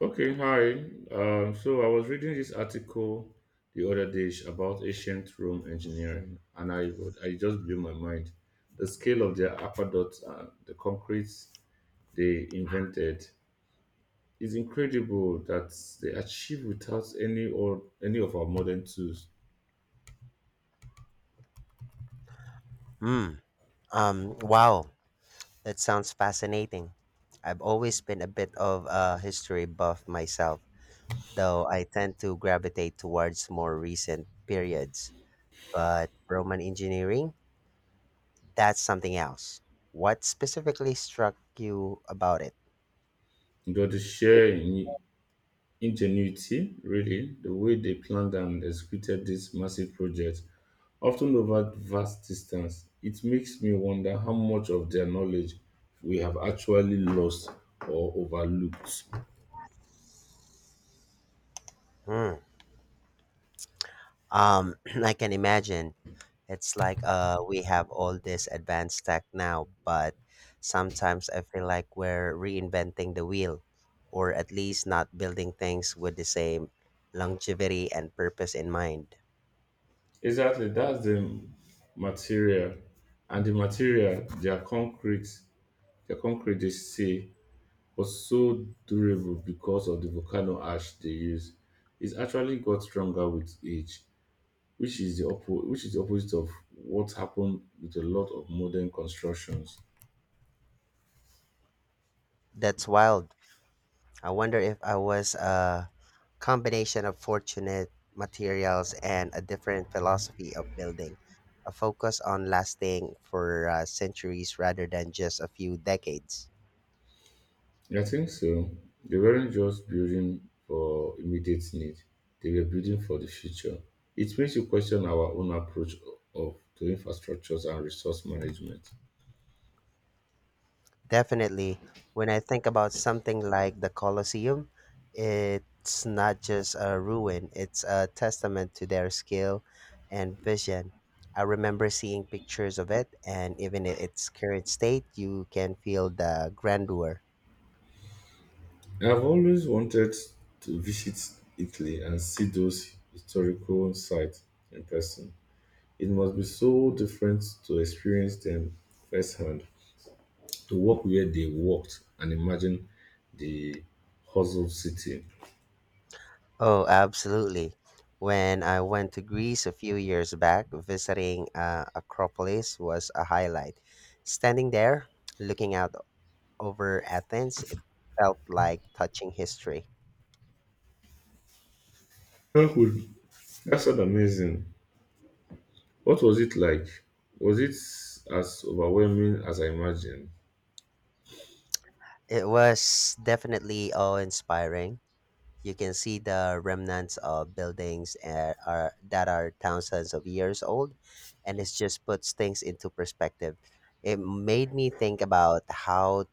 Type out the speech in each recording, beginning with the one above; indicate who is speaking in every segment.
Speaker 1: Okay, hi. So I was reading this article the other day about ancient Rome engineering, and I just blew my mind. The scale of their aqueducts and the concrete they invented is incredible that they achieved without any of our modern tools.
Speaker 2: Mm, wow, that sounds fascinating. I've always been a bit of a history buff myself, though I tend to gravitate towards more recent periods. But Roman engineering, that's something else. What specifically struck you about it?
Speaker 1: You know, the sheer ingenuity, really, the way they planned and executed this massive project, often over vast distance. It makes me wonder how much of their knowledge we have actually lost or overlooked.
Speaker 2: Hmm. Um, I can imagine. It's like we have all this advanced tech now, but sometimes I feel like we're reinventing the wheel, or at least not building things with the same longevity and purpose in mind.
Speaker 1: Exactly, that's the material, and the material their concrete they say was so durable because of the volcano ash they use. It's actually got stronger with age which is the opposite of what happened with a lot of modern constructions.
Speaker 2: That's wild. I wonder if I was a combination of fortunate materials and a different philosophy of building, a focus on lasting for centuries rather than just a few decades.
Speaker 1: I think so. They weren't just building for immediate need; they were building for the future. It makes you question our own approach of to infrastructures and resource management.
Speaker 2: Definitely. When I think about something like the Colosseum, it's not just a ruin, it's a testament to their skill and vision. I remember seeing pictures of it, and even in its current state, you can feel the grandeur.
Speaker 1: I've always wanted to visit Italy and see those historical sites in person. It must be so different to experience them firsthand. To work where they worked and imagine the hustle city.
Speaker 2: Oh, absolutely. When I went to Greece a few years back, visiting Acropolis was a highlight. Standing there, looking out over Athens, it felt like touching history.
Speaker 1: That would that sounds amazing. What was it like? Was it as overwhelming as I imagined?
Speaker 2: It was definitely awe-inspiring. You can see the remnants of buildings that are thousands of years old, and it just puts things into perspective. It made me think about how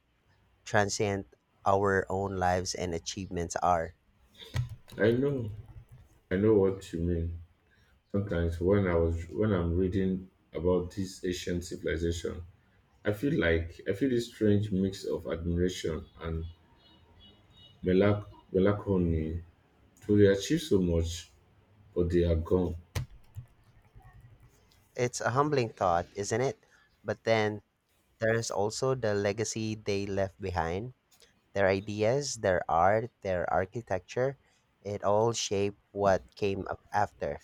Speaker 2: transient our own lives and achievements are.
Speaker 1: I know, I know what you mean. Sometimes when I'm reading about this ancient civilization, I feel this strange mix of admiration and melancholy. To they achieve so much, but they are gone.
Speaker 2: It's a humbling thought, isn't it? But then there is also the legacy they left behind. Their ideas, their art, their architecture, it all shaped what came up after.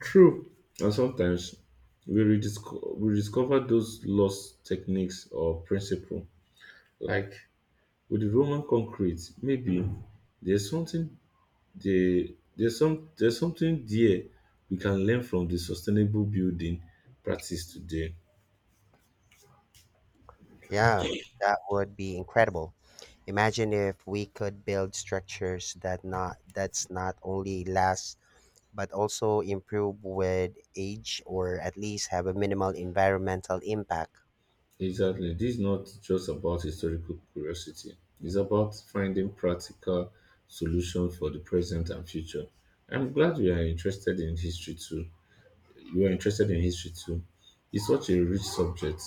Speaker 1: True. And sometimes we rediscover those lost techniques or principle. Like with the Roman concrete, maybe there's something there, there's something there we can learn from the sustainable building practice today.
Speaker 2: Yeah, that would be incredible. Imagine if we could build structures that not only last but also improve with age, or at least have a minimal environmental impact.
Speaker 1: Exactly. This is not just about historical curiosity. It's about finding practical solutions for the present and future. I'm glad we are interested in history too. You were interested in history too. It's such a rich subject.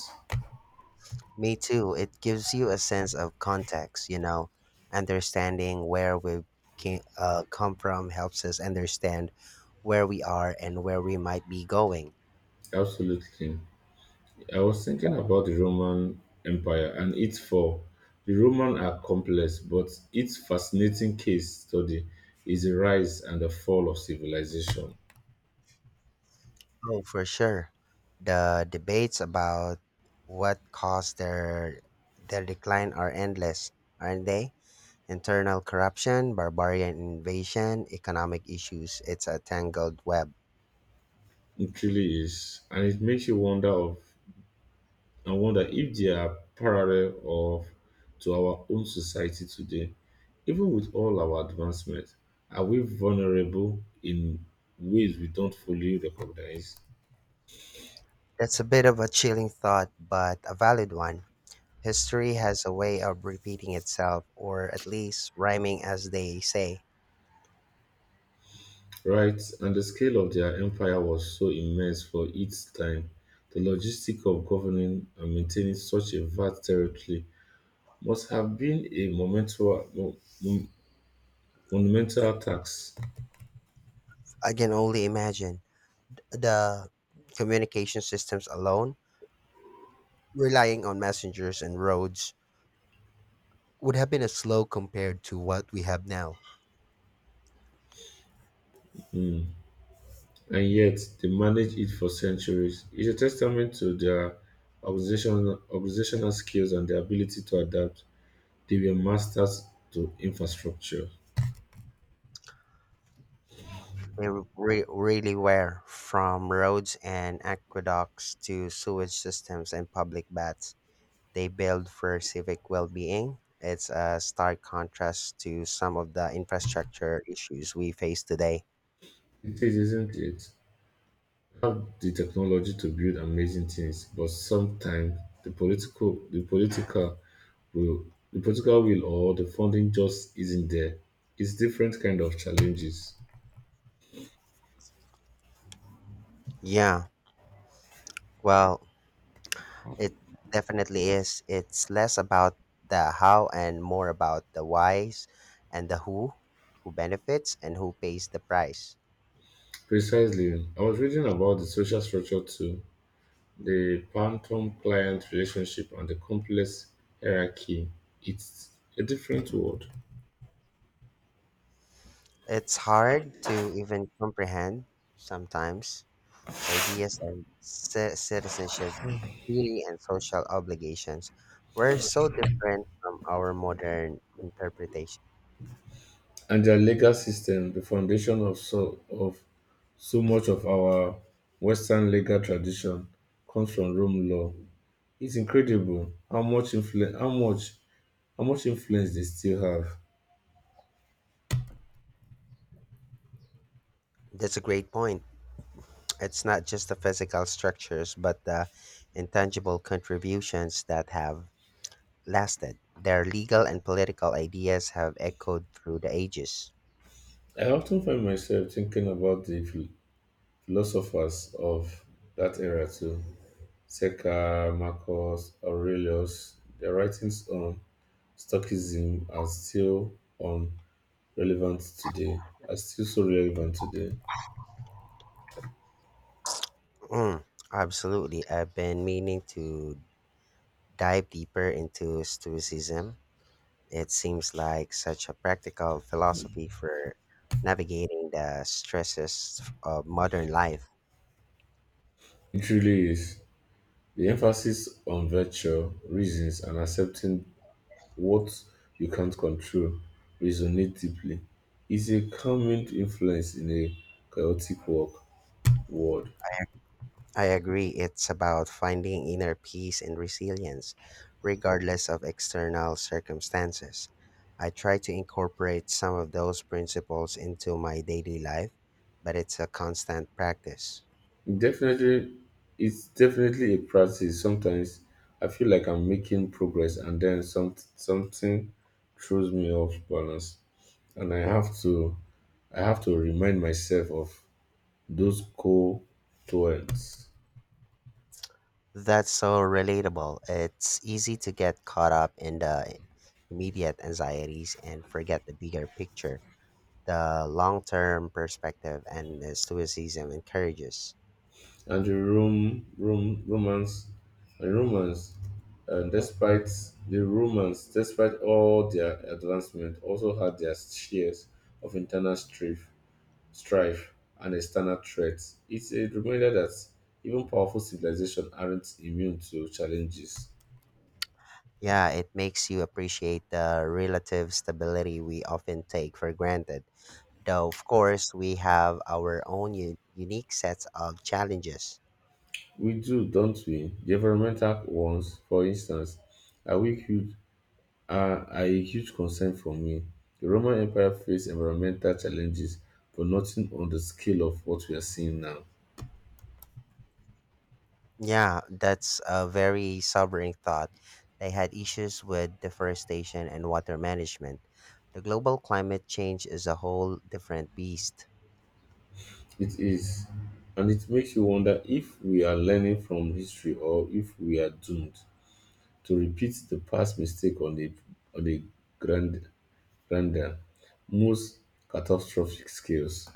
Speaker 2: Me too. It gives you a sense of context, you know, understanding where we come from helps us understand where we are and where we might be going.
Speaker 1: Absolutely. I was thinking about the Roman Empire and its fall. The Roman are complex, but its fascinating case study is the rise and the fall of civilization.
Speaker 2: Oh, for sure. The debates about what caused their decline are endless, aren't they? Internal corruption, barbarian invasion, economic issues, it's a tangled web.
Speaker 1: It really is. And it makes you wonder of I wonder if they are parallel of to our own society today. Even with all our advancements, are we vulnerable in ways we don't fully recognize?
Speaker 2: That's a bit of a chilling thought, but a valid one. History has a way of repeating itself, or at least rhyming as they say.
Speaker 1: Right, and the scale of their empire was so immense for its time. The logistic of governing and maintaining such a vast territory must have been a monumental task.
Speaker 2: I can only imagine. The communication systems alone, relying on messengers and roads, would have been a slow compared to what we have now.
Speaker 1: Hmm. And yet they managed it for centuries. It's a testament to their organizational skills and their ability to adapt. They were masters to infrastructure.
Speaker 2: We really were, from roads and aqueducts to sewage systems and public baths. They build for civic well-being. It's a stark contrast to some of the infrastructure issues we face today.
Speaker 1: It is, isn't it? We have the technology to build amazing things, but sometimes will, the political will or the funding just isn't there. It's different kind of challenges.
Speaker 2: Yeah. Well, it definitely is. It's less about the how and more about the whys and the who benefits and who pays the price.
Speaker 1: Precisely. I was reading about the social structure too. The phantom-client relationship and the complex hierarchy, it's a different world.
Speaker 2: It's hard to even comprehend sometimes. The ideas of citizenship, duty, and social obligations were so different from our modern interpretation.
Speaker 1: And their legal system, the foundation of so much of our Western legal tradition comes from Rome law. It's incredible how much influence they still have.
Speaker 2: That's a great point. It's not just the physical structures, but the intangible contributions that have lasted. Their legal and political ideas have echoed through the ages.
Speaker 1: I often find myself thinking about the philosophers of that era too. Seca, Marcus, Aurelius, their writings on Stockism um relevant today are still so relevant today.
Speaker 2: Mm, absolutely. I've been meaning to dive deeper into Stoicism. It seems like such a practical philosophy for navigating the stresses of modern life.
Speaker 1: It really is. The emphasis on virtue, reasons, and accepting what you can't control resonate deeply. It's a calming influence in a chaotic work world.
Speaker 2: I agree. It's about finding inner peace and resilience, regardless of external circumstances. I try to incorporate some of those principles into my daily life, but it's a constant practice.
Speaker 1: Definitely, it's definitely a practice. Sometimes I feel like I'm making progress, and then something throws me off balance, and I have to remind myself of those core thoughts
Speaker 2: That's so relatable. It's easy to get caught up in the immediate anxieties and forget the bigger picture, the long term perspective, and stoicism encourages.
Speaker 1: and the romance and romance. And despite the Romans, despite all their advancement, also had their shares of internal strife strife, and external threats. It's a reminder that even powerful civilizations aren't immune to challenges.
Speaker 2: Yeah, it makes you appreciate the relative stability we often take for granted. Though, of course, we have our own unique sets of challenges.
Speaker 1: We do, don't we? The environmental ones, for instance, are, we huge, are a huge concern for me. The Roman Empire faced environmental challenges, but nothing on the scale of what we are seeing now.
Speaker 2: Yeah, that's a very sobering thought. They had issues with deforestation and water management. The global climate change is a whole different beast.
Speaker 1: It is, and it makes you wonder if we are learning from history or if we are doomed to repeat the past mistake on a grand Randall, most catastrophic skills.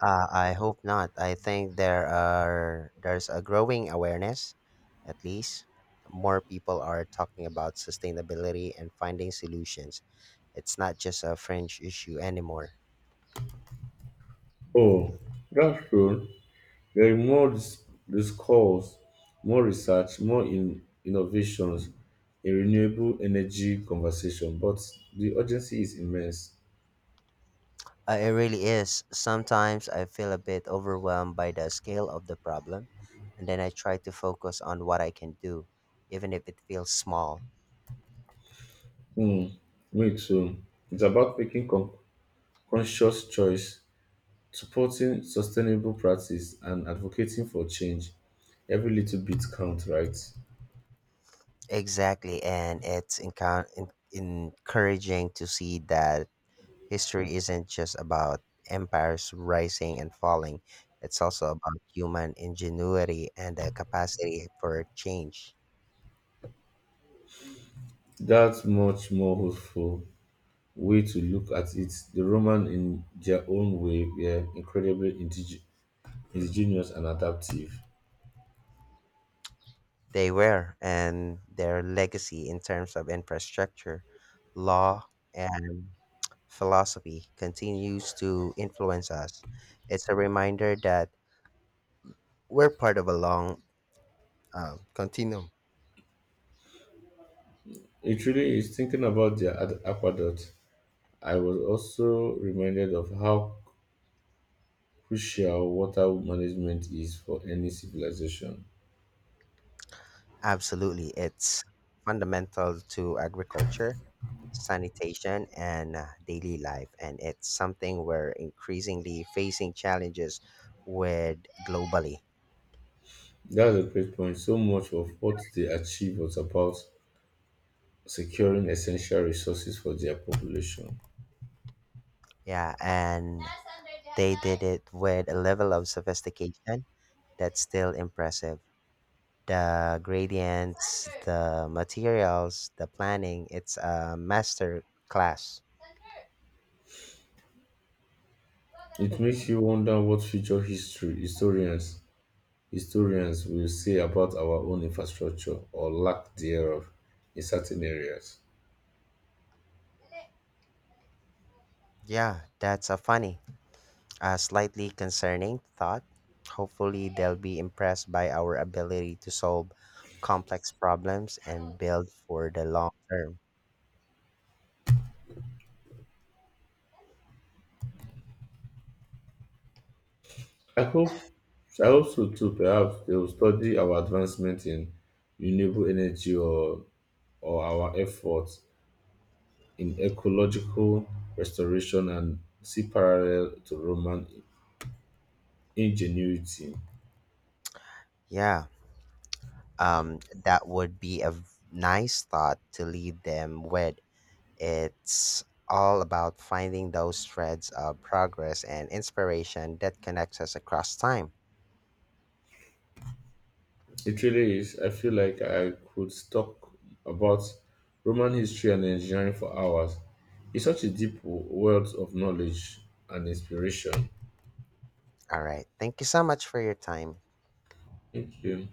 Speaker 2: I hope not. I think there's a growing awareness, at least more people are talking about sustainability and finding solutions. It's not just a fringe issue anymore.
Speaker 1: Oh, that's true. There is more discourse, more research, more innovations in renewable energy conversation, but the urgency is immense.
Speaker 2: It really is. Sometimes I feel a bit overwhelmed by the scale of the problem, and then I try to focus on what I can do, even if it feels small.
Speaker 1: Hmm, me too. It's about making conscious choice, supporting sustainable practice, and advocating for change. Every little bit counts, right?
Speaker 2: Exactly, and it's encouraging to see that history isn't just about empires rising and falling, it's also about human ingenuity and the capacity for change.
Speaker 1: That's much more hopeful way to look at it, the Romans, in their own way, were incredibly ingenious and adaptive.
Speaker 2: They were, and their legacy in terms of infrastructure, law, and philosophy continues to influence us. It's a reminder that we're part of a long continue.
Speaker 1: It really is thinking about their aqueduct. I was also reminded of how crucial water management is for any civilization.
Speaker 2: Absolutely. It's fundamental to agriculture, sanitation, and daily life. And it's something we're increasingly facing challenges with globally.
Speaker 1: That's a great point. So much of what they achieved was about securing essential resources for their population.
Speaker 2: Yeah. And they did it with a level of sophistication that's still impressive. The gradients, the materials, the planning, it's a master class.
Speaker 1: It makes you wonder what future history historians Historians will say about our own infrastructure or lack thereof in certain areas.
Speaker 2: Yeah, that's a funny. A slightly concerning thought. Hopefully, they'll be impressed by our ability to solve complex problems and build for the long term.
Speaker 1: I hope I hope so too. Perhaps they will study our advancement in renewable energy or our efforts in ecological restoration and see parallel to Roman ingenuity.
Speaker 2: Yeah, um, that would be a nice thought to leave them with. It's all about finding those threads of progress and inspiration that connects us across time.
Speaker 1: It really is. I feel like I could talk about Roman history and engineering for hours. It's such a deep wealth of knowledge and inspiration.
Speaker 2: All right, thank you so much for your time.
Speaker 1: Thank you.